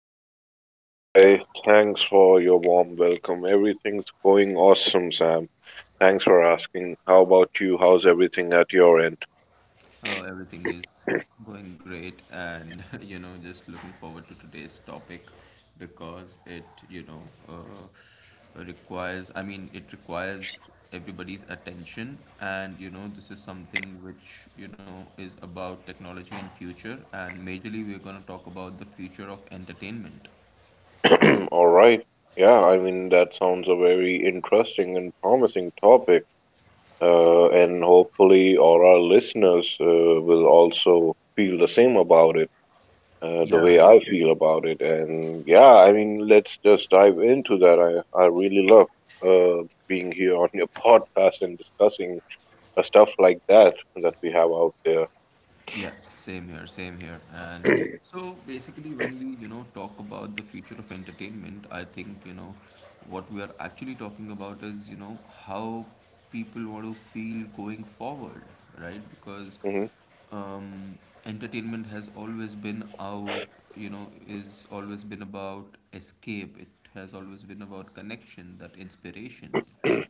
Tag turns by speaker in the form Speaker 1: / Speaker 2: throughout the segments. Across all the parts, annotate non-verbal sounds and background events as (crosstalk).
Speaker 1: Hey, buddy boy. Thanks for your warm welcome. Everything's going awesome, Sam. Thanks for asking. How about you? How's everything at your end?
Speaker 2: Everything is going great, and (laughs) you know, just looking forward to today's topic because it, you know, requires. I mean, it requires everybody's attention, and you know, this is something which you know is about technology and future, and majorly we're gonna talk about the future of entertainment.
Speaker 1: (clears throat) All right. Yeah, that sounds a very interesting and promising topic. And hopefully, all our listeners will also feel the same about it, the way I feel about it. And yeah, let's just dive into that. I really love uh, being here on your (laughs) podcast and discussing stuff like that we have out there.
Speaker 2: Yeah, same here, same here. And
Speaker 1: (clears throat)
Speaker 2: so basically, when we, you know, talk about the future of entertainment, I think, you know, what we are actually talking about is, you know, how people want to feel going forward, right? Because
Speaker 1: hmm
Speaker 2: um, entertainment has always been out, you know, is always been about escape. It has always been about connection, that inspiration, right?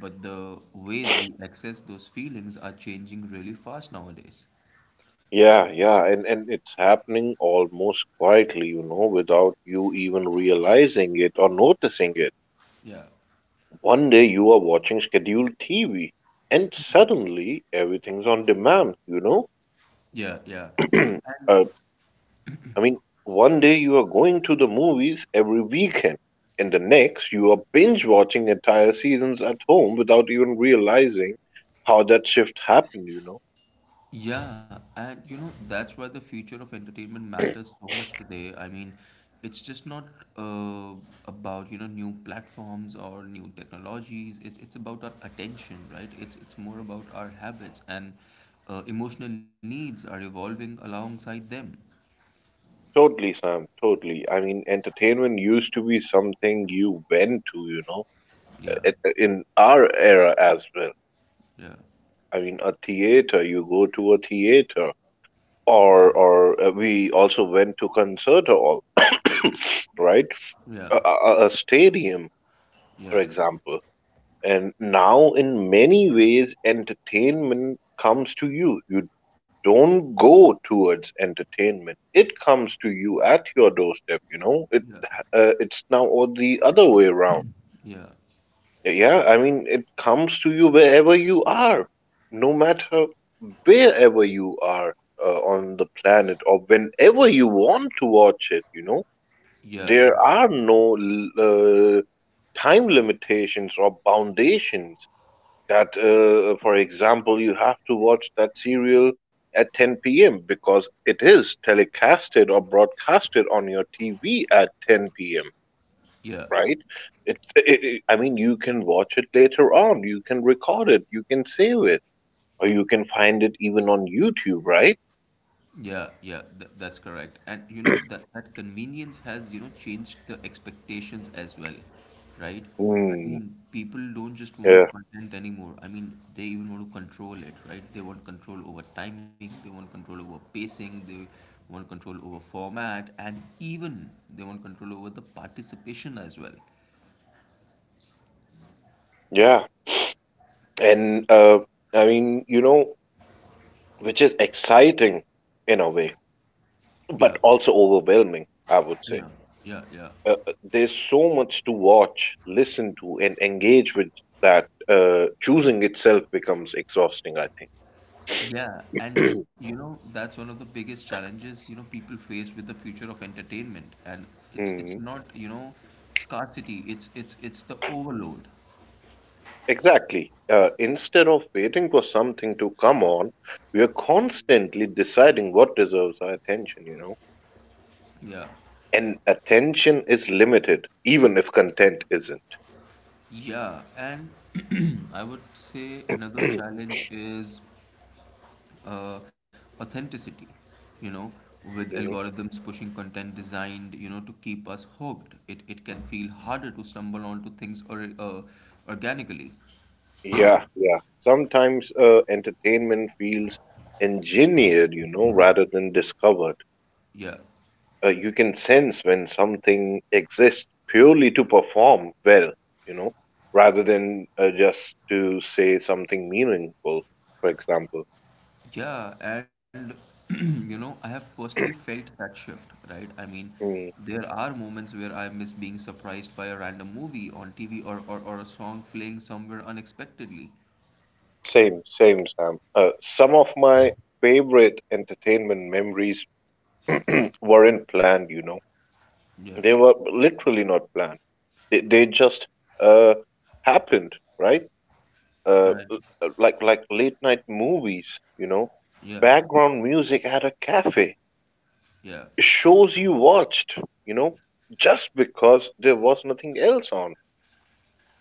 Speaker 2: But the ways we access those feelings are changing really fast nowadays.
Speaker 1: Yeah, yeah, and it's happening almost quietly, you know, without you even realizing it or noticing it.
Speaker 2: Yeah,
Speaker 1: One day you are watching scheduled TV, and suddenly everything's on demand.
Speaker 2: yeah, yeah.
Speaker 1: (clears throat) uh, One day you are going to the movies every weekend, and the next you are binge watching entire seasons at home without even realizing how that shift happened.
Speaker 2: Yeah, and you know, that's why the future of entertainment matters so much today. I mean, it's just not uh, about, you know, new platforms or new technologies. It's about our attention, right? It's more about our habits and emotional needs are evolving alongside them.
Speaker 1: Totally, Sam. Totally. I mean, entertainment used to be something you went to,
Speaker 2: Yeah,
Speaker 1: in our era as well.
Speaker 2: yeah,
Speaker 1: I mean, a theater, you go to a theater,
Speaker 2: yeah,
Speaker 1: or we also went to concert hall, (coughs) right?
Speaker 2: yeah,
Speaker 1: A stadium, for
Speaker 2: yeah,
Speaker 1: example. And now, in many ways, entertainment comes to you. You don't go towards entertainment. It comes to you at your doorstep, you know?
Speaker 2: yeah,
Speaker 1: It's now or the other way around.
Speaker 2: yeah,
Speaker 1: Yeah, yeah, I mean it comes to you wherever you are, no matter wherever you are on the planet or whenever you want to watch it, you know?
Speaker 2: yeah,
Speaker 1: There
Speaker 2: yeah,
Speaker 1: are no time limitations or foundations that for example you have to watch that serial at 10 p.m. because it is telecasted or broadcasted on your TV at 10 p.m.
Speaker 2: yeah.
Speaker 1: Right? I mean, you can watch it later on. You can record it. You can save it, or you can find it even on YouTube. Right?
Speaker 2: Yeah, yeah, that's correct. And you know that that convenience has, you know, changed the expectations as well, right? I
Speaker 1: Hmm.
Speaker 2: mean, people don't just want content anymore. I mean, they even want to control it, right? They want control over timing, they want control over pacing, they want control over format, and even they want control over the participation as well.
Speaker 1: Yeah. (clears throat) yeah. And I mean, you know, Which is exciting in a way,
Speaker 2: Yeah,
Speaker 1: but also overwhelming, I would
Speaker 2: yeah,
Speaker 1: say.
Speaker 2: yeah, yeah.
Speaker 1: uh, there's so much to watch, listen to, and engage with that choosing itself becomes exhausting, I think.
Speaker 2: Yeah, and you
Speaker 1: (clears throat)
Speaker 2: know that's one of the biggest challenges you know people face with the future of entertainment, and it's
Speaker 1: Mhm.
Speaker 2: not you know scarcity, it's the overload.
Speaker 1: Exactly. Instead of waiting for something to come on, we are constantly deciding what deserves our attention, you know?
Speaker 2: Yeah,
Speaker 1: And attention is limited, even if content isn't.
Speaker 2: yeah, and (clears throat) I would say another
Speaker 1: (clears throat)
Speaker 2: challenge is uh, authenticity. You know, with
Speaker 1: Mhm.
Speaker 2: algorithms pushing content designed you know to keep us hooked, it can feel harder to stumble onto things or organically.
Speaker 1: Yeah, yeah. Sometimes entertainment feels engineered, you know, rather than discovered.
Speaker 2: Yeah.
Speaker 1: You can sense when something exists purely to perform well, you know, rather than just to say something meaningful, for example.
Speaker 2: Yeah, and (clears throat) you know, I have personally
Speaker 1: (clears throat)
Speaker 2: felt that shift, right? I mean,
Speaker 1: Mm,
Speaker 2: there are moments where I miss being surprised by a random movie on TV or, a song playing somewhere unexpectedly.
Speaker 1: same, same, Sam. Some of my favorite entertainment memories (clears throat) weren't planned, you know.
Speaker 2: Yeah,
Speaker 1: They were literally not planned. They just uh, happened, right? uh,
Speaker 2: right.
Speaker 1: l- like like late night movies, you know,
Speaker 2: Yeah,
Speaker 1: background music at a cafe,
Speaker 2: yeah.
Speaker 1: shows you watched, you know, just because there was nothing else on.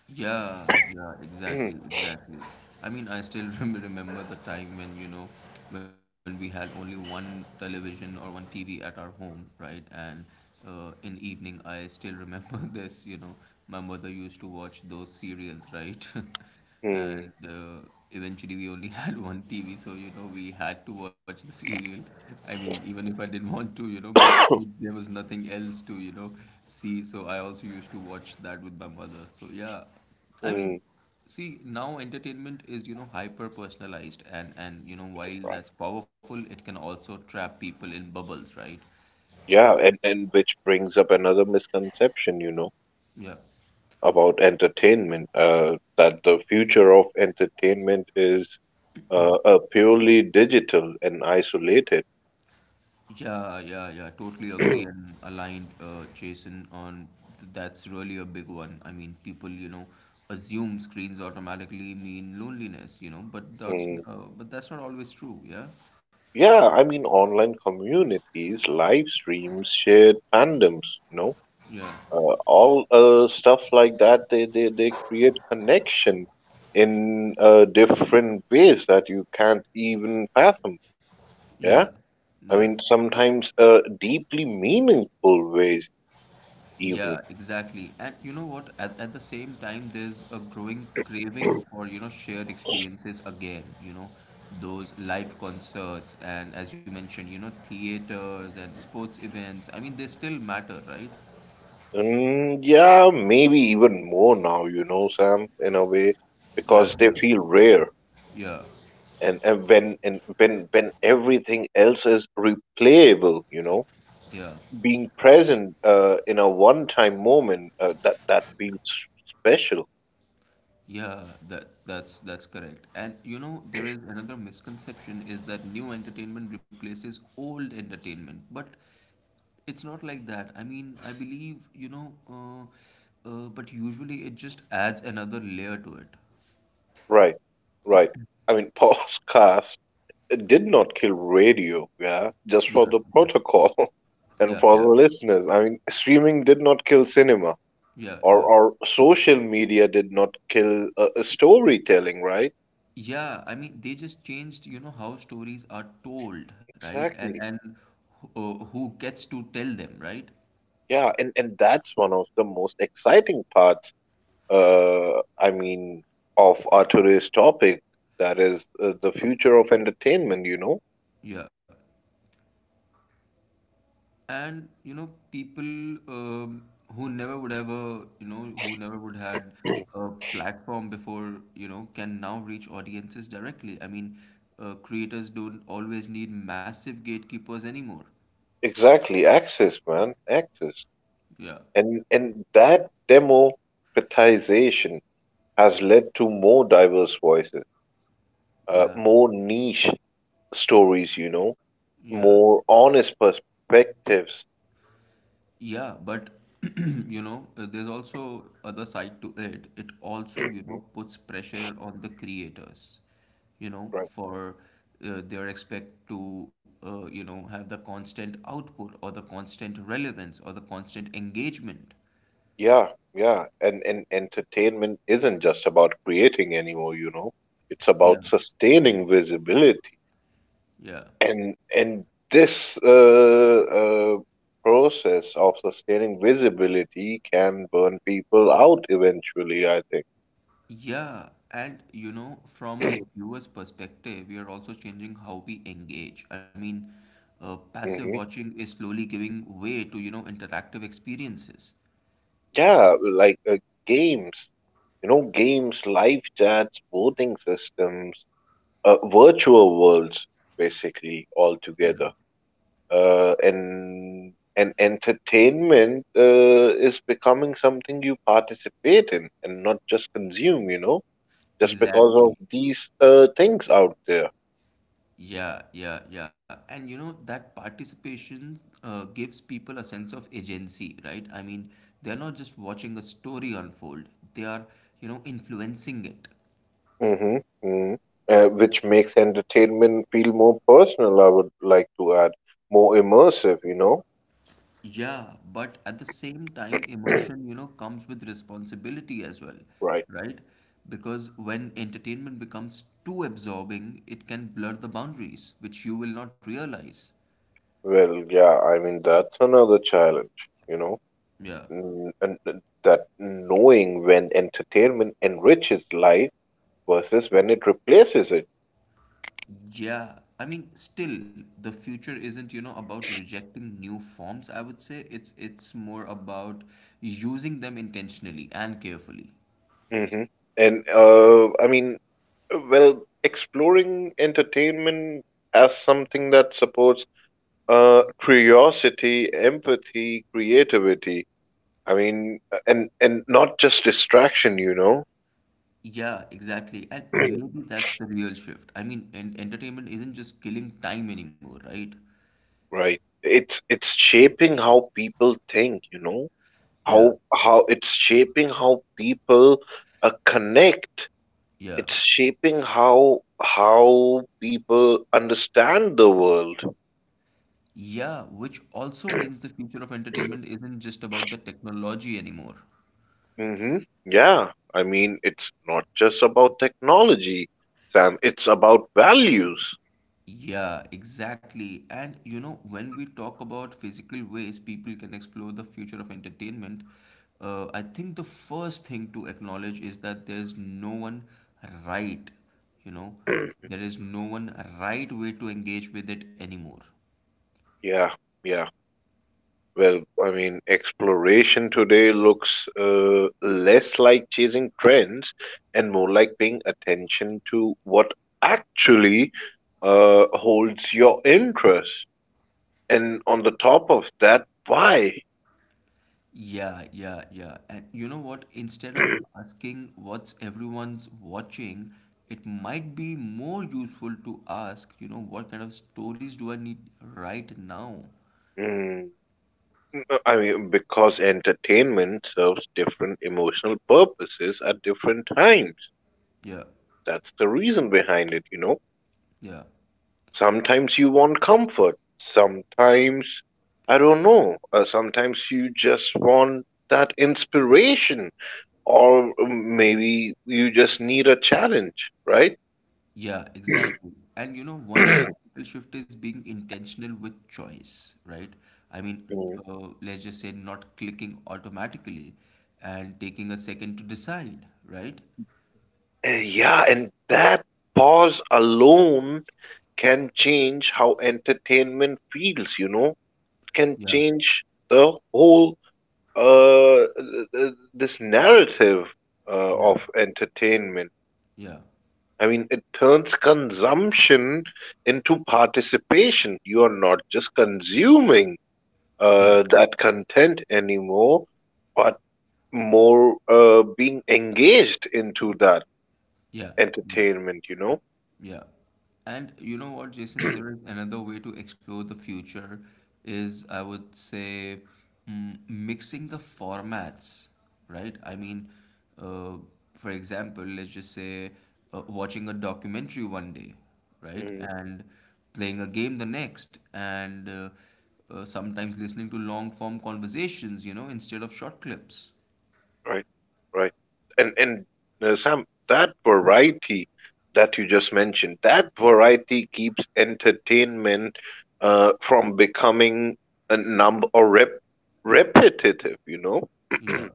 Speaker 2: Yeah, yeah, exactly,
Speaker 1: (clears throat)
Speaker 2: exactly. I mean, I still (laughs) remember the time when, you know, when we had only one television or one TV at our home, right? And in evening, I still remember (laughs) this, you know, my mother used to watch those serials, right? (laughs) And
Speaker 1: Hmm.
Speaker 2: eventually we only (laughs) had one TV, so you know we had to watch the serial. I mean, even if I didn't want to, you know, but
Speaker 1: (coughs)
Speaker 2: there was nothing else to you know see, so I also used to watch that with my mother. So yeah, I mean,
Speaker 1: Hmm.
Speaker 2: see now entertainment is you know hyper personalized, and you know while
Speaker 1: Right.
Speaker 2: that's powerful, it can also trap people in bubbles, right?
Speaker 1: Yeah, and which brings up another misconception, you know,
Speaker 2: Yeah.
Speaker 1: about entertainment, that the future of entertainment is purely digital and isolated.
Speaker 2: Yeah, yeah, yeah. Totally agree and aligned, Jason, on that's really a big one. I mean, people, you know, assume screens automatically mean loneliness, you know, but that's
Speaker 1: Hmm.
Speaker 2: uh, but that's not always true. Yeah,
Speaker 1: Yeah, I mean, online communities, live streams, shared fandoms, you know,
Speaker 2: yeah,
Speaker 1: uh, all stuff like that, they create connection in different ways that you can't even fathom.
Speaker 2: yeah,
Speaker 1: Yeah. I
Speaker 2: yeah,
Speaker 1: mean, sometimes deeply meaningful ways, even.
Speaker 2: yeah. Exactly. And you know what? At the same time, there's a growing craving
Speaker 1: (clears throat)
Speaker 2: for, you know, shared experiences again. You know, those live concerts and, as you mentioned, you know, theaters and sports events. I mean, they still matter, right?
Speaker 1: Mm, yeah, maybe even more now, you know, Sam, in a way,
Speaker 2: Yeah,
Speaker 1: because they
Speaker 2: yeah,
Speaker 1: feel rare.
Speaker 2: yeah,
Speaker 1: And when everything else is replayable, you know,
Speaker 2: yeah,
Speaker 1: being present in a one time moment, that that feels special.
Speaker 2: yeah. That's correct. And you know, there is another misconception is that new entertainment replaces old entertainment, but it's not like that. I mean, I believe you know, but usually it just adds another layer to it.
Speaker 1: Right, right. I mean, (laughs) podcast did not kill radio, yeah, just
Speaker 2: Yeah,
Speaker 1: for the protocol, (laughs) and
Speaker 2: yeah,
Speaker 1: for the
Speaker 2: yeah,
Speaker 1: listeners, I mean streaming did not kill cinema,
Speaker 2: yeah,
Speaker 1: or
Speaker 2: yeah.
Speaker 1: social media did not kill storytelling, right?
Speaker 2: Yeah, I mean, they just changed, you know, how stories are told, right? And
Speaker 1: Exactly.
Speaker 2: and who gets to tell them, right?
Speaker 1: Yeah, and that's one of the most exciting parts, I mean, of our today's topic, that is the future of entertainment, you know?
Speaker 2: Yeah. And you know, people um, who never would ever, you know, who never would had
Speaker 1: (clears throat)
Speaker 2: a platform before, you know, can now reach audiences directly. I mean, creators don't always need massive gatekeepers anymore.
Speaker 1: Exactly, access, man, access.
Speaker 2: Yeah,
Speaker 1: And that democratization has led to more diverse voices,
Speaker 2: yeah,
Speaker 1: more niche stories, you know,
Speaker 2: yeah.
Speaker 1: more honest perspectives.
Speaker 2: Yeah, but (clears throat) you know, there's also other side to it. It also, you
Speaker 1: (clears throat)
Speaker 2: know, puts pressure on the creators, you know,
Speaker 1: Right.
Speaker 2: for their expect to, you know, have the constant output or the constant relevance or the constant engagement.
Speaker 1: Yeah, yeah. And entertainment isn't just about creating anymore, you know. It's
Speaker 2: Yeah.
Speaker 1: about sustaining visibility.
Speaker 2: Yeah.
Speaker 1: And this process of sustaining visibility can burn people out eventually, I think.
Speaker 2: Yeah, and you know, from a viewer's perspective, we are also changing how we engage. I mean, passive
Speaker 1: hmm
Speaker 2: watching is slowly giving way to, you know, interactive experiences.
Speaker 1: Yeah, like games, you know, games, live chats, voting systems, virtual worlds, basically all
Speaker 2: Yeah.
Speaker 1: together. And entertainment is becoming something you participate in and not just consume, you know. Just because
Speaker 2: Exactly.
Speaker 1: of these things out there.
Speaker 2: Yeah, yeah, yeah. And you know, that participation gives people a sense of agency, right? I mean, they're not just watching a story unfold, they are, you know, influencing it.
Speaker 1: hmm hmm which makes entertainment feel more personal, I would like to add, more immersive, you know?
Speaker 2: Yeah, but at the same time, immersion,
Speaker 1: (clears throat)
Speaker 2: you know, comes with responsibility as well,
Speaker 1: Right.
Speaker 2: right? Because when entertainment becomes too absorbing, it can blur the boundaries, which you will not realize.
Speaker 1: Well, yeah, I mean, that's another challenge, you know?
Speaker 2: Yeah.
Speaker 1: And that knowing when entertainment enriches life versus when it replaces it.
Speaker 2: Yeah, I mean, still, the future isn't, you know, about rejecting new forms, I would say. It's more about using them intentionally and carefully.
Speaker 1: Hmm And I mean, well, Exploring entertainment as something that supports curiosity, empathy, creativity. I mean, and not just distraction, you know.
Speaker 2: Yeah, exactly. And
Speaker 1: (clears throat)
Speaker 2: maybe that's the real shift. I mean, and entertainment isn't just killing time anymore, right?
Speaker 1: Right. It's shaping how people think, you know.
Speaker 2: Yeah,
Speaker 1: How it's shaping how people connect.
Speaker 2: yeah.
Speaker 1: It's shaping how people understand the world.
Speaker 2: Yeah, which also means the future of entertainment
Speaker 1: (clears throat)
Speaker 2: isn't just about the technology anymore.
Speaker 1: Mm-hmm. Yeah. I mean, it's not just about technology, Sam. It's about values.
Speaker 2: Yeah, exactly. And you know, when we talk about physical ways people can explore the future of entertainment, I think the first thing to acknowledge is that there is no one right, you know, there
Speaker 1: (clears throat)
Speaker 2: is no one right way to engage with it anymore.
Speaker 1: Yeah. Yeah. Well, I mean, exploration today looks less like chasing trends and more like paying attention to what actually holds your interest. And on the top of that, why?
Speaker 2: Yeah, yeah, yeah. And you know what? Instead of asking what's everyone's watching, it might be more useful to ask, you know, what kind of stories do I need right now?
Speaker 1: Mm, because entertainment serves different emotional purposes at different times.
Speaker 2: Yeah.
Speaker 1: That's the reason behind it, you know?
Speaker 2: Yeah,
Speaker 1: Sometimes you want comfort, sometimes, I don't know, sometimes you just want that inspiration, or maybe you just need a challenge, right? (clears throat)
Speaker 2: yeah, exactly. And you know, one practical shift is being intentional with choice, right? I mean,
Speaker 1: Mm.
Speaker 2: let's just say not clicking automatically and taking a second to decide, right?
Speaker 1: Yeah, and that pause alone can change how entertainment feels, you know? It can
Speaker 2: Yeah,
Speaker 1: change the whole uh, uh, this narrative
Speaker 2: yeah,
Speaker 1: of entertainment.
Speaker 2: yeah,
Speaker 1: I mean, it turns consumption into participation. You are not just consuming
Speaker 2: yeah,
Speaker 1: that content anymore, but more being engaged into that
Speaker 2: yeah, yeah.
Speaker 1: entertainment, you know?
Speaker 2: Yeah. And you know what, Jason, there
Speaker 1: (clears throat)
Speaker 2: is another way to explore the future is I would say mixing the formats, right? I mean, uh, for example, let's just say watching a documentary one day, right?
Speaker 1: Mm,
Speaker 2: And playing a game the next, and sometimes listening to long form conversations, you know, instead of short clips.
Speaker 1: Right, right. And Sam, that variety that you just mentioned, that variety keeps entertainment from becoming a numb or rep repetitive, you know?
Speaker 2: Yeah.
Speaker 1: (clears throat)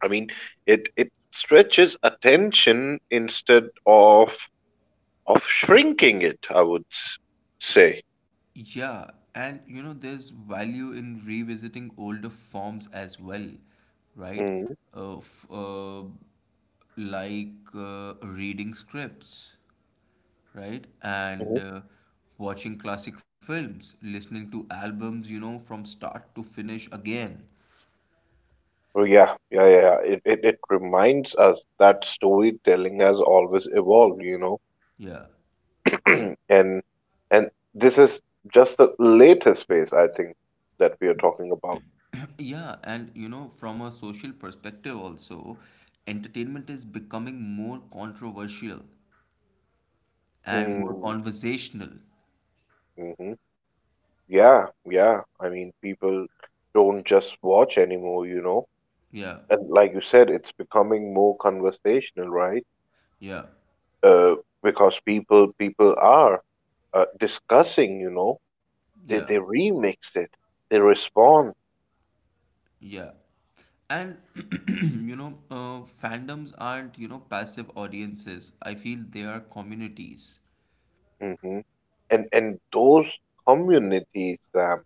Speaker 1: I mean, it stretches attention instead of shrinking it, I would say.
Speaker 2: Yeah, and you know, there's value in revisiting older forms as well, right?
Speaker 1: Mm-hmm.
Speaker 2: Of like reading scripts, right? And
Speaker 1: mm-hmm.
Speaker 2: watching classic films, listening to albums, you know, from start to finish again.
Speaker 1: Oh, yeah, yeah, yeah, yeah. It reminds us that storytelling has always evolved, you know.
Speaker 2: Yeah.
Speaker 1: (clears throat) And and this is just the latest phase, I think, that we are talking about.
Speaker 2: (clears throat) Yeah, and you know, from a social perspective also, entertainment is becoming more controversial and more
Speaker 1: Mm,
Speaker 2: conversational.
Speaker 1: hmm Yeah, yeah. I mean, people don't just watch anymore, you know.
Speaker 2: Yeah.
Speaker 1: And like you said, it's becoming more conversational, right?
Speaker 2: Yeah.
Speaker 1: Uh, because people are discussing, you know. They
Speaker 2: Yeah,
Speaker 1: they remix it. They respond.
Speaker 2: yeah. And (clears throat) you know, fandoms aren't, you know, passive audiences. I feel they are communities.
Speaker 1: hmm And those communities, Sam,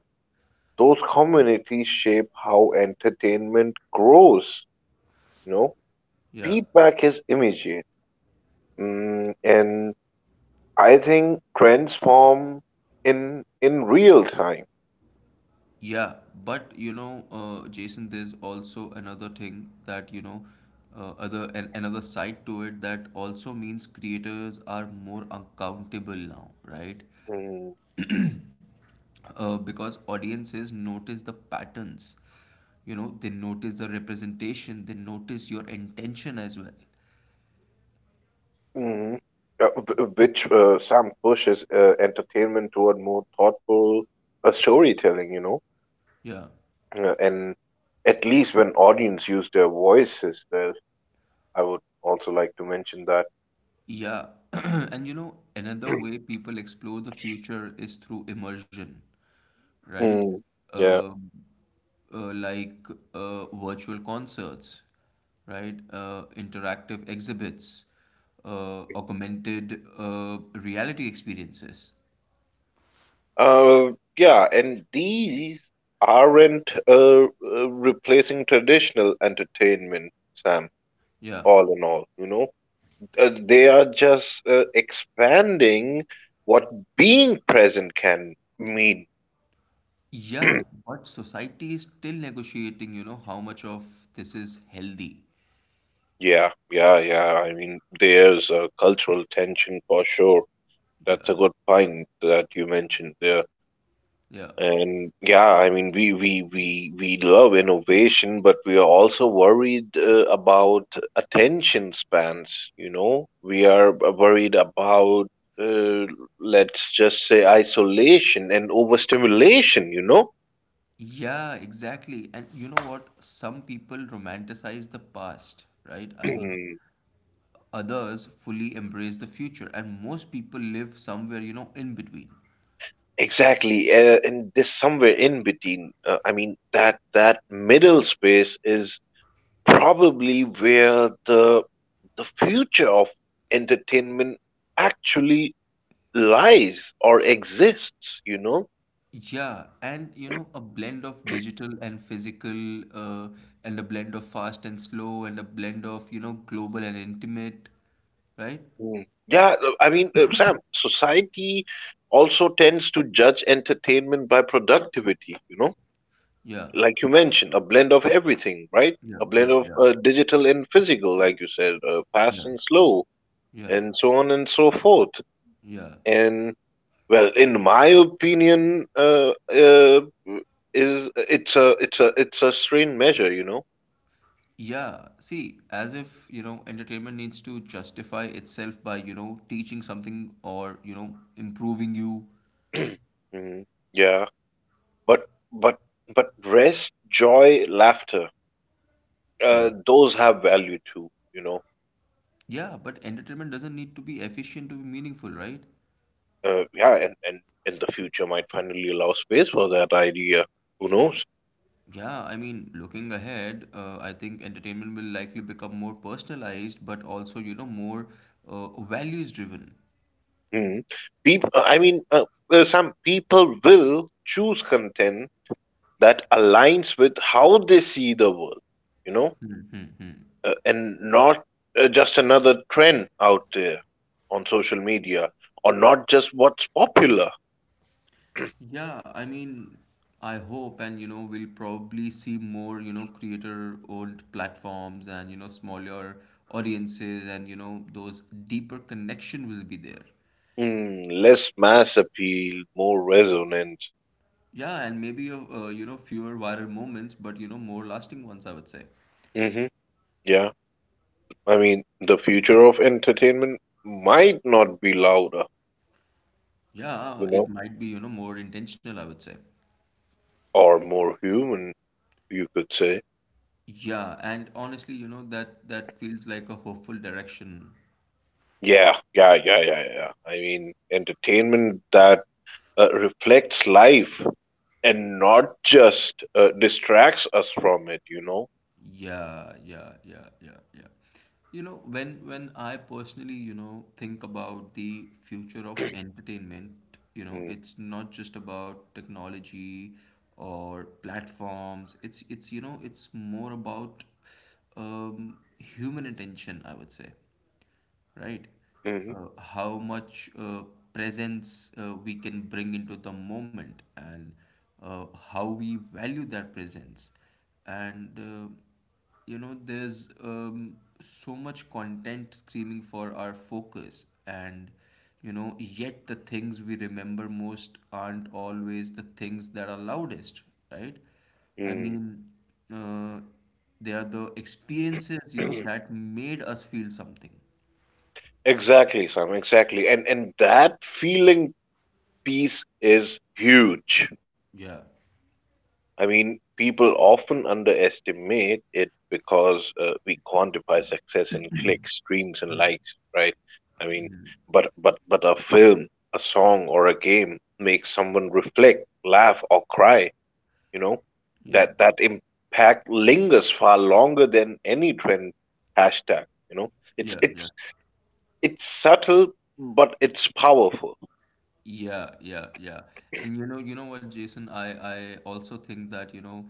Speaker 1: those communities shape how entertainment grows, you know.
Speaker 2: Yeah.
Speaker 1: Feedback is immediate. Mm, and I think trends form in real time.
Speaker 2: Yeah, but you know, Jason, there's also another thing that, you know, another side to it that also means creators are more accountable now, right?
Speaker 1: Mm,
Speaker 2: Because audiences notice the patterns. You know, they notice the representation, they notice your intention as well.
Speaker 1: mhm. Wh- which Sam pushes entertainment toward more thoughtful storytelling, you know.
Speaker 2: Yeah.
Speaker 1: And At least when audience use their voices well. I would also like to mention that.
Speaker 2: Yeah, (clears throat) and you know, another way people explore the future is through immersion, right?
Speaker 1: Mm, yeah.
Speaker 2: Um, like virtual concerts, right? Interactive exhibits, augmented reality experiences.
Speaker 1: Uh, yeah, and these aren't replacing traditional entertainment, Sam,
Speaker 2: Yeah.
Speaker 1: all in all, you know. They are just expanding what being present can mean.
Speaker 2: Yeah, but society is still negotiating, you know, how much of this is healthy.
Speaker 1: Yeah, yeah, yeah. I mean, there's a cultural tension for sure. That's
Speaker 2: Yeah,
Speaker 1: a good point that you mentioned there.
Speaker 2: yeah.
Speaker 1: And yeah, I mean, we love innovation, but we are also worried about attention spans. You know, we are worried about uh, let's just say isolation and overstimulation, you know.
Speaker 2: Yeah, exactly. And you know what? Some people romanticize the past, right? I mean,
Speaker 1: (clears throat)
Speaker 2: others fully embrace the future, and most people live somewhere, you know, in between.
Speaker 1: Exactly. And this somewhere in between. That that middle space is probably where the future of entertainment actually lies or exists, you know?
Speaker 2: Yeah, and you know, a blend of digital and physical, uh, and a blend of fast and slow, and a blend of, you know, global and intimate, right?
Speaker 1: Mm. Yeah, Sam, society also tends to judge entertainment by productivity, you know?
Speaker 2: Yeah,
Speaker 1: Like you mentioned, a blend of everything, right?
Speaker 2: yeah,
Speaker 1: A
Speaker 2: yeah,
Speaker 1: blend of
Speaker 2: yeah,
Speaker 1: digital and physical, like you said, fast
Speaker 2: yeah,
Speaker 1: and slow,
Speaker 2: yeah,
Speaker 1: and so on and so forth.
Speaker 2: yeah.
Speaker 1: And well, in my opinion, is it's a strain measure, you know?
Speaker 2: Yeah, see, as if, you know, entertainment needs to justify itself by, you know, teaching something or, you know, improving you.
Speaker 1: (clears throat) Mm, yeah. But but but rest, joy, laughter,
Speaker 2: Yeah.
Speaker 1: those have value too, you know.
Speaker 2: Yeah, but entertainment doesn't need to be efficient to be meaningful, right?
Speaker 1: Yeah, and in the future might finally allow space for that idea. Who knows?
Speaker 2: Yeah, I mean, looking ahead, I think entertainment will likely become more personalized, but also, you know, more values driven.
Speaker 1: Hmm. People, I mean, some people will choose content that aligns with how they see the world, you know, and not just another trend out there on social media, or not just what's popular.
Speaker 2: Yeah, I mean, I hope, and you know, we'll probably see more, you know, creator-owned platforms and, you know, smaller audiences and, you know, those deeper connection will be there.
Speaker 1: Mm, less mass appeal, more resonance.
Speaker 2: Yeah, and maybe, you know, fewer viral moments, but, you know, more lasting ones, I would say.
Speaker 1: hmm Yeah. I mean, the future of entertainment might not be louder, you
Speaker 2: Yeah,
Speaker 1: know,
Speaker 2: it might be, you know, more intentional, I would say.
Speaker 1: or more human, you could say.
Speaker 2: Yeah, and honestly, you know, that feels like a hopeful direction.
Speaker 1: Yeah, yeah, yeah, yeah, yeah. I mean, entertainment that reflects life and not just distracts us from it.
Speaker 2: Yeah, yeah, yeah, yeah, yeah. You know, when I personally, you know, think about the future of entertainment, you know,
Speaker 1: Mm,
Speaker 2: it's not just about technology or platforms. It's, you know, it's more about human attention, I would say, right?
Speaker 1: mhm,
Speaker 2: How much presence we can bring into the moment and uh, how we value that presence. And there's so much content screaming for our focus, and yet the things we remember most aren't always the things that are loudest, right? I
Speaker 1: mm.
Speaker 2: mean, uh, they are the experiences,
Speaker 1: (clears throat)
Speaker 2: that made us feel something.
Speaker 1: Exactly, Sam, exactly. And that feeling piece is huge.
Speaker 2: Yeah,
Speaker 1: I mean, people often underestimate it because we quantify success in clicks, streams, and likes, right? I mean, but a film, a song, or a game makes someone reflect, laugh, or cry. You know,
Speaker 2: yeah,
Speaker 1: that impact lingers far longer than any trend hashtag. You know, it's
Speaker 2: yeah, yeah,
Speaker 1: it's it's subtle, but it's powerful.
Speaker 2: yeah, yeah, yeah. And you know what, Jason, I also think that, you know,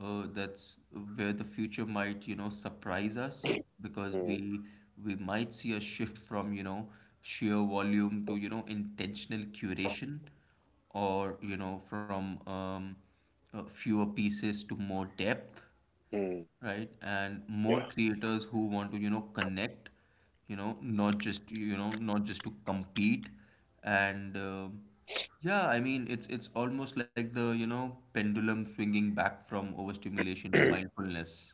Speaker 2: uh, that's where the future might, surprise us because
Speaker 1: Mm,
Speaker 2: we might see a shift from, sheer volume to, intentional curation or, from fewer pieces to more depth.
Speaker 1: mm,
Speaker 2: Right? And more
Speaker 1: yeah.
Speaker 2: creators who want to, connect, not just, not just to compete. And yeah, I mean, it's almost like the, pendulum swinging back from overstimulation to
Speaker 1: (clears throat)
Speaker 2: mindfulness.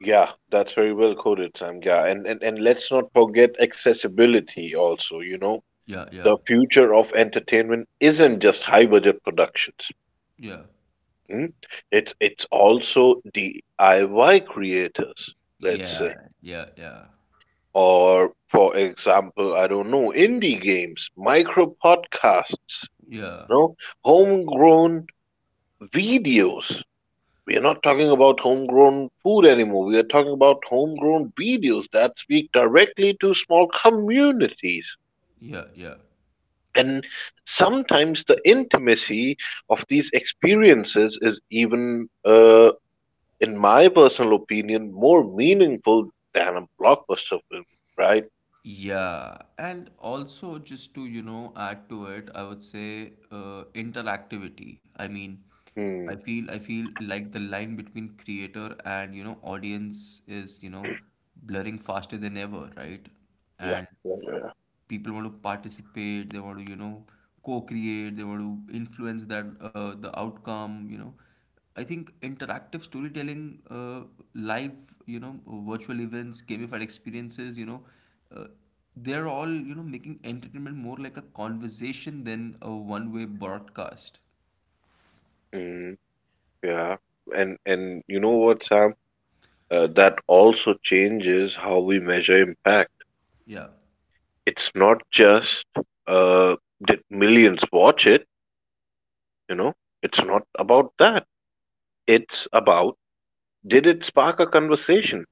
Speaker 1: Yeah, that's very well coded, Sam. Yeah, and let's not forget accessibility also, you know.
Speaker 2: Yeah, yeah,
Speaker 1: The future of entertainment isn't just high budget productions.
Speaker 2: yeah,
Speaker 1: Hmm? It's also DIY creators, let's say.
Speaker 2: yeah, yeah,
Speaker 1: Or for example, I don't know, indie games, micro podcasts,
Speaker 2: yeah, yeah,
Speaker 1: you know, homegrown videos. We are not talking about homegrown food anymore. We are talking about homegrown videos that speak directly to small communities.
Speaker 2: yeah, yeah.
Speaker 1: And sometimes the intimacy of these experiences is even, in my personal opinion, more meaningful than a blockbuster film, right?
Speaker 2: Yeah, and also just to, add to it, I would say interactivity. I mean, I
Speaker 1: Hmm.
Speaker 2: feel I feel like the line between creator and, audience is, blurring faster than ever, right?
Speaker 1: Yeah,
Speaker 2: And
Speaker 1: yeah, yeah, yeah.
Speaker 2: people want to participate, they want to, co-create, they want to influence that the outcome. I think interactive storytelling, uh, live, virtual events, gamified experiences uh, they're all, making entertainment more like a conversation than a one way broadcast.
Speaker 1: Mm, yeah. And you know what, Sam? That also changes how we measure impact.
Speaker 2: Yeah,
Speaker 1: It's not just, uh, did millions watch it, you know? It's not about that. It's about, did it spark a conversation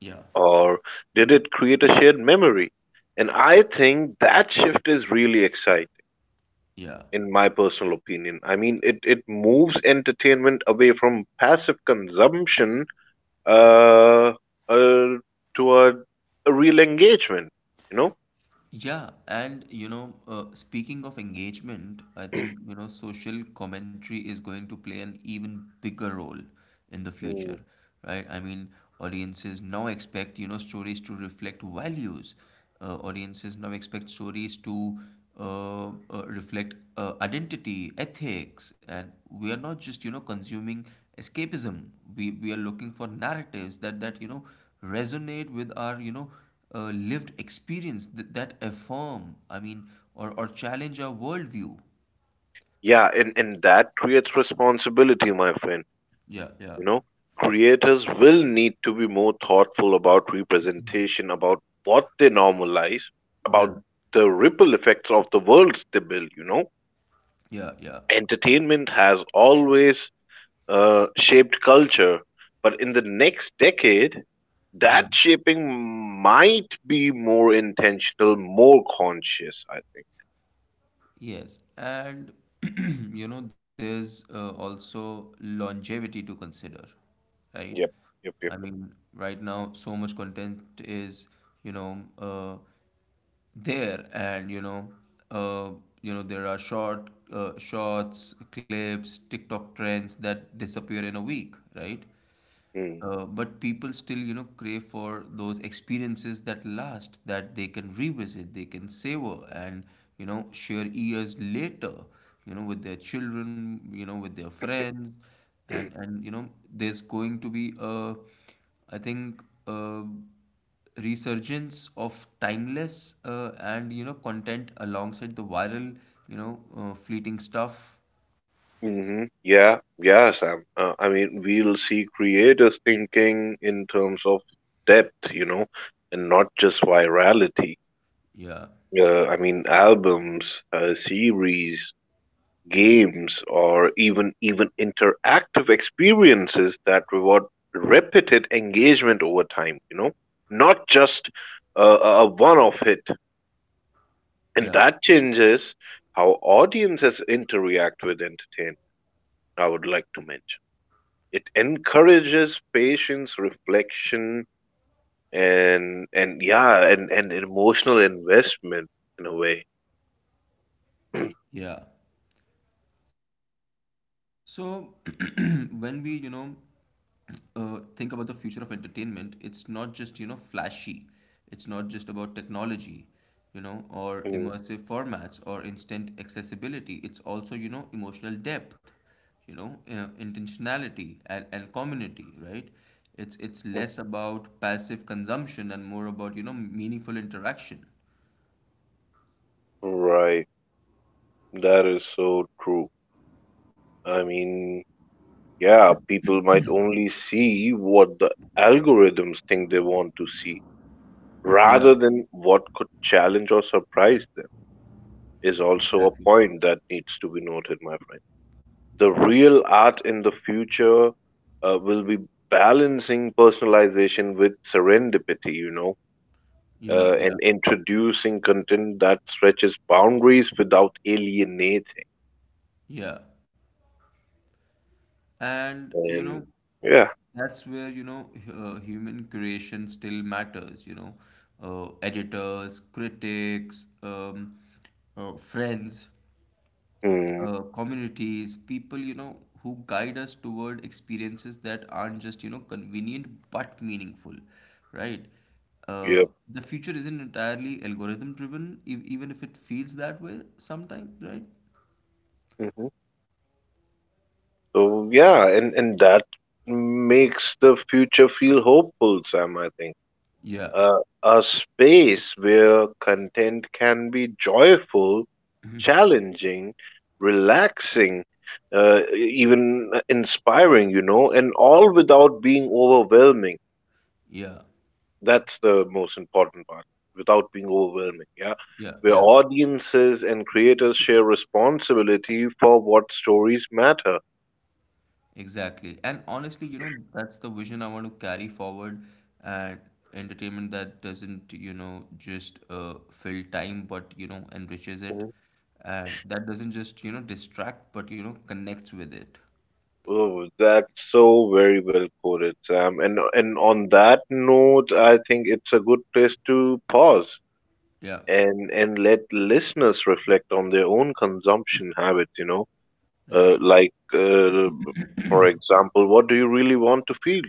Speaker 2: yeah,
Speaker 1: or did it create a shared memory? And I think that shift is really exciting,
Speaker 2: yeah.
Speaker 1: in my personal opinion. I mean, it moves entertainment away from passive consumption uh, uh, toward a real engagement, you
Speaker 2: Yeah, and speaking of engagement, I
Speaker 1: know?
Speaker 2: think, social commentary is going to play an even bigger role in the future,
Speaker 1: (clears throat)
Speaker 2: right? I mean, audiences now expect, stories to reflect values. Audiences now expect stories to reflect identity, ethics, and we are not just, consuming escapism. We are looking for narratives that, resonate with our, lived experience that affirm, I mean, or challenge our worldview.
Speaker 1: Yeah, and that creates responsibility, my friend.
Speaker 2: Yeah, yeah,
Speaker 1: You know, creators will need to be more thoughtful about representation, about what they normalize,
Speaker 2: yeah,
Speaker 1: about the ripple effects of the worlds they build.
Speaker 2: yeah, yeah,
Speaker 1: Entertainment has always shaped culture, but in the next decade,
Speaker 2: yeah.
Speaker 1: that shaping might be more intentional, more conscious, I think.
Speaker 2: Yes. And, (clears throat) there's also longevity to consider, right?
Speaker 1: Yep, yep,
Speaker 2: I
Speaker 1: yep, yep.
Speaker 2: mean, right now, so much content is, you know, uh, there and, uh, you know, there are short, shorts, clips, TikTok trends that disappear in a week, right?
Speaker 1: Mm.
Speaker 2: But people still, crave for those experiences that last, that they can revisit, they can savor, and, share years later, with their children, with their friends. And, there's going to be a, I think, a resurgence of timeless, and, content alongside the viral, fleeting stuff.
Speaker 1: Hmm. Yeah, yeah, Sam. I mean, we'll see creators thinking in terms of depth, you know, and not just virality.
Speaker 2: Yeah.
Speaker 1: I mean, albums, series, games, or even interactive experiences that reward repeated engagement over time, you know, not just a one-off hit. And that
Speaker 2: Yeah,
Speaker 1: changes how audiences interact with entertainment, I would like to mention. It encourages patience, reflection, and and emotional investment in a way.
Speaker 2: yeah. So (clears throat) when we, think about the future of entertainment, it's not just, flashy. It's not just about technology, or
Speaker 1: Mm,
Speaker 2: immersive formats or instant accessibility. It's also, emotional depth, intentionality and community, right? It's less
Speaker 1: mm,
Speaker 2: about passive consumption and more about, meaningful interaction.
Speaker 1: right. That is so true. I mean, yeah, people might only see what the algorithms think they want to see
Speaker 2: Yeah,
Speaker 1: rather than what could challenge or surprise them, is also a
Speaker 2: exactly.
Speaker 1: point that needs to be noted, my friend. The real art in the future will be balancing personalization with serendipity, you know,
Speaker 2: Yeah, yeah,
Speaker 1: and introducing content that stretches boundaries without alienating.
Speaker 2: yeah. And,
Speaker 1: And yeah,
Speaker 2: that's where, human creation still matters, editors, critics, friends,
Speaker 1: mm,
Speaker 2: communities, people, who guide us toward experiences that aren't just, convenient but meaningful, right?
Speaker 1: yep.
Speaker 2: The future isn't entirely algorithm driven, e even if it feels that way sometimes, right?
Speaker 1: Hmm, yeah, mm-hmm. So yeah, and that makes the future feel hopeful, Sam, I think.
Speaker 2: Yeah,
Speaker 1: A space where content can be joyful, challenging, relaxing, even inspiring, you know, and all without being overwhelming.
Speaker 2: yeah,
Speaker 1: That's the most important part, without being overwhelming, yeah.
Speaker 2: yeah,
Speaker 1: Where
Speaker 2: yeah.
Speaker 1: audiences and creators share responsibility for what stories matter.
Speaker 2: Exactly. And honestly, that's the vision I want to carry forward, and entertainment that doesn't, just fill time, but, enriches it. And that doesn't just, distract, but, connects with it.
Speaker 1: Oh, that's so very well quoted, Sam. And on that note, I think it's a good place to pause
Speaker 2: Yeah.
Speaker 1: and let listeners reflect on their own consumption habits.
Speaker 2: Yeah.
Speaker 1: Like for example, what do you really want to feel?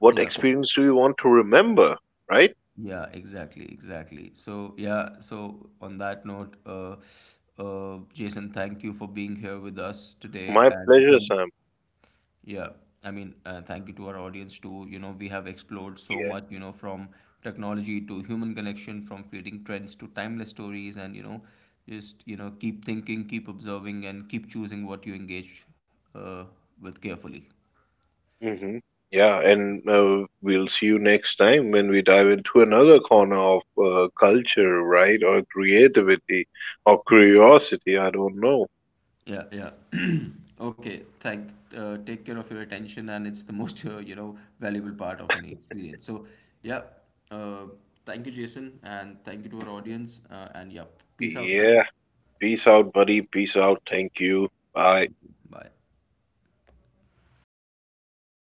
Speaker 1: What
Speaker 2: Yeah.
Speaker 1: experience do you want to remember, right?
Speaker 2: Yeah, exactly, exactly. So, yeah, so on that note, Jason, thank you for being here with us today,
Speaker 1: My
Speaker 2: and thank
Speaker 1: pleasure,
Speaker 2: you.
Speaker 1: Sam.
Speaker 2: Yeah, I mean, thank you to our audience too. You know, we have explored so
Speaker 1: Yeah.
Speaker 2: much, from technology to human connection, from fleeting trends to timeless stories, and, keep thinking, keep observing, and keep choosing what you engage uh, with carefully.
Speaker 1: Mhm. Yeah, and we'll see you next time when we dive into another corner of culture, right? Or creativity or curiosity. I don't know.
Speaker 2: Yeah, yeah. (clears throat) Okay, thank, take care of your attention, and it's the most, (laughs) valuable part of any experience. So, yeah, uh, thank you, Jason, and thank you to our audience, and yeah, peace out, man.
Speaker 1: Yeah. Peace out, buddy. Peace out. Thank you. Bye.
Speaker 2: Bye.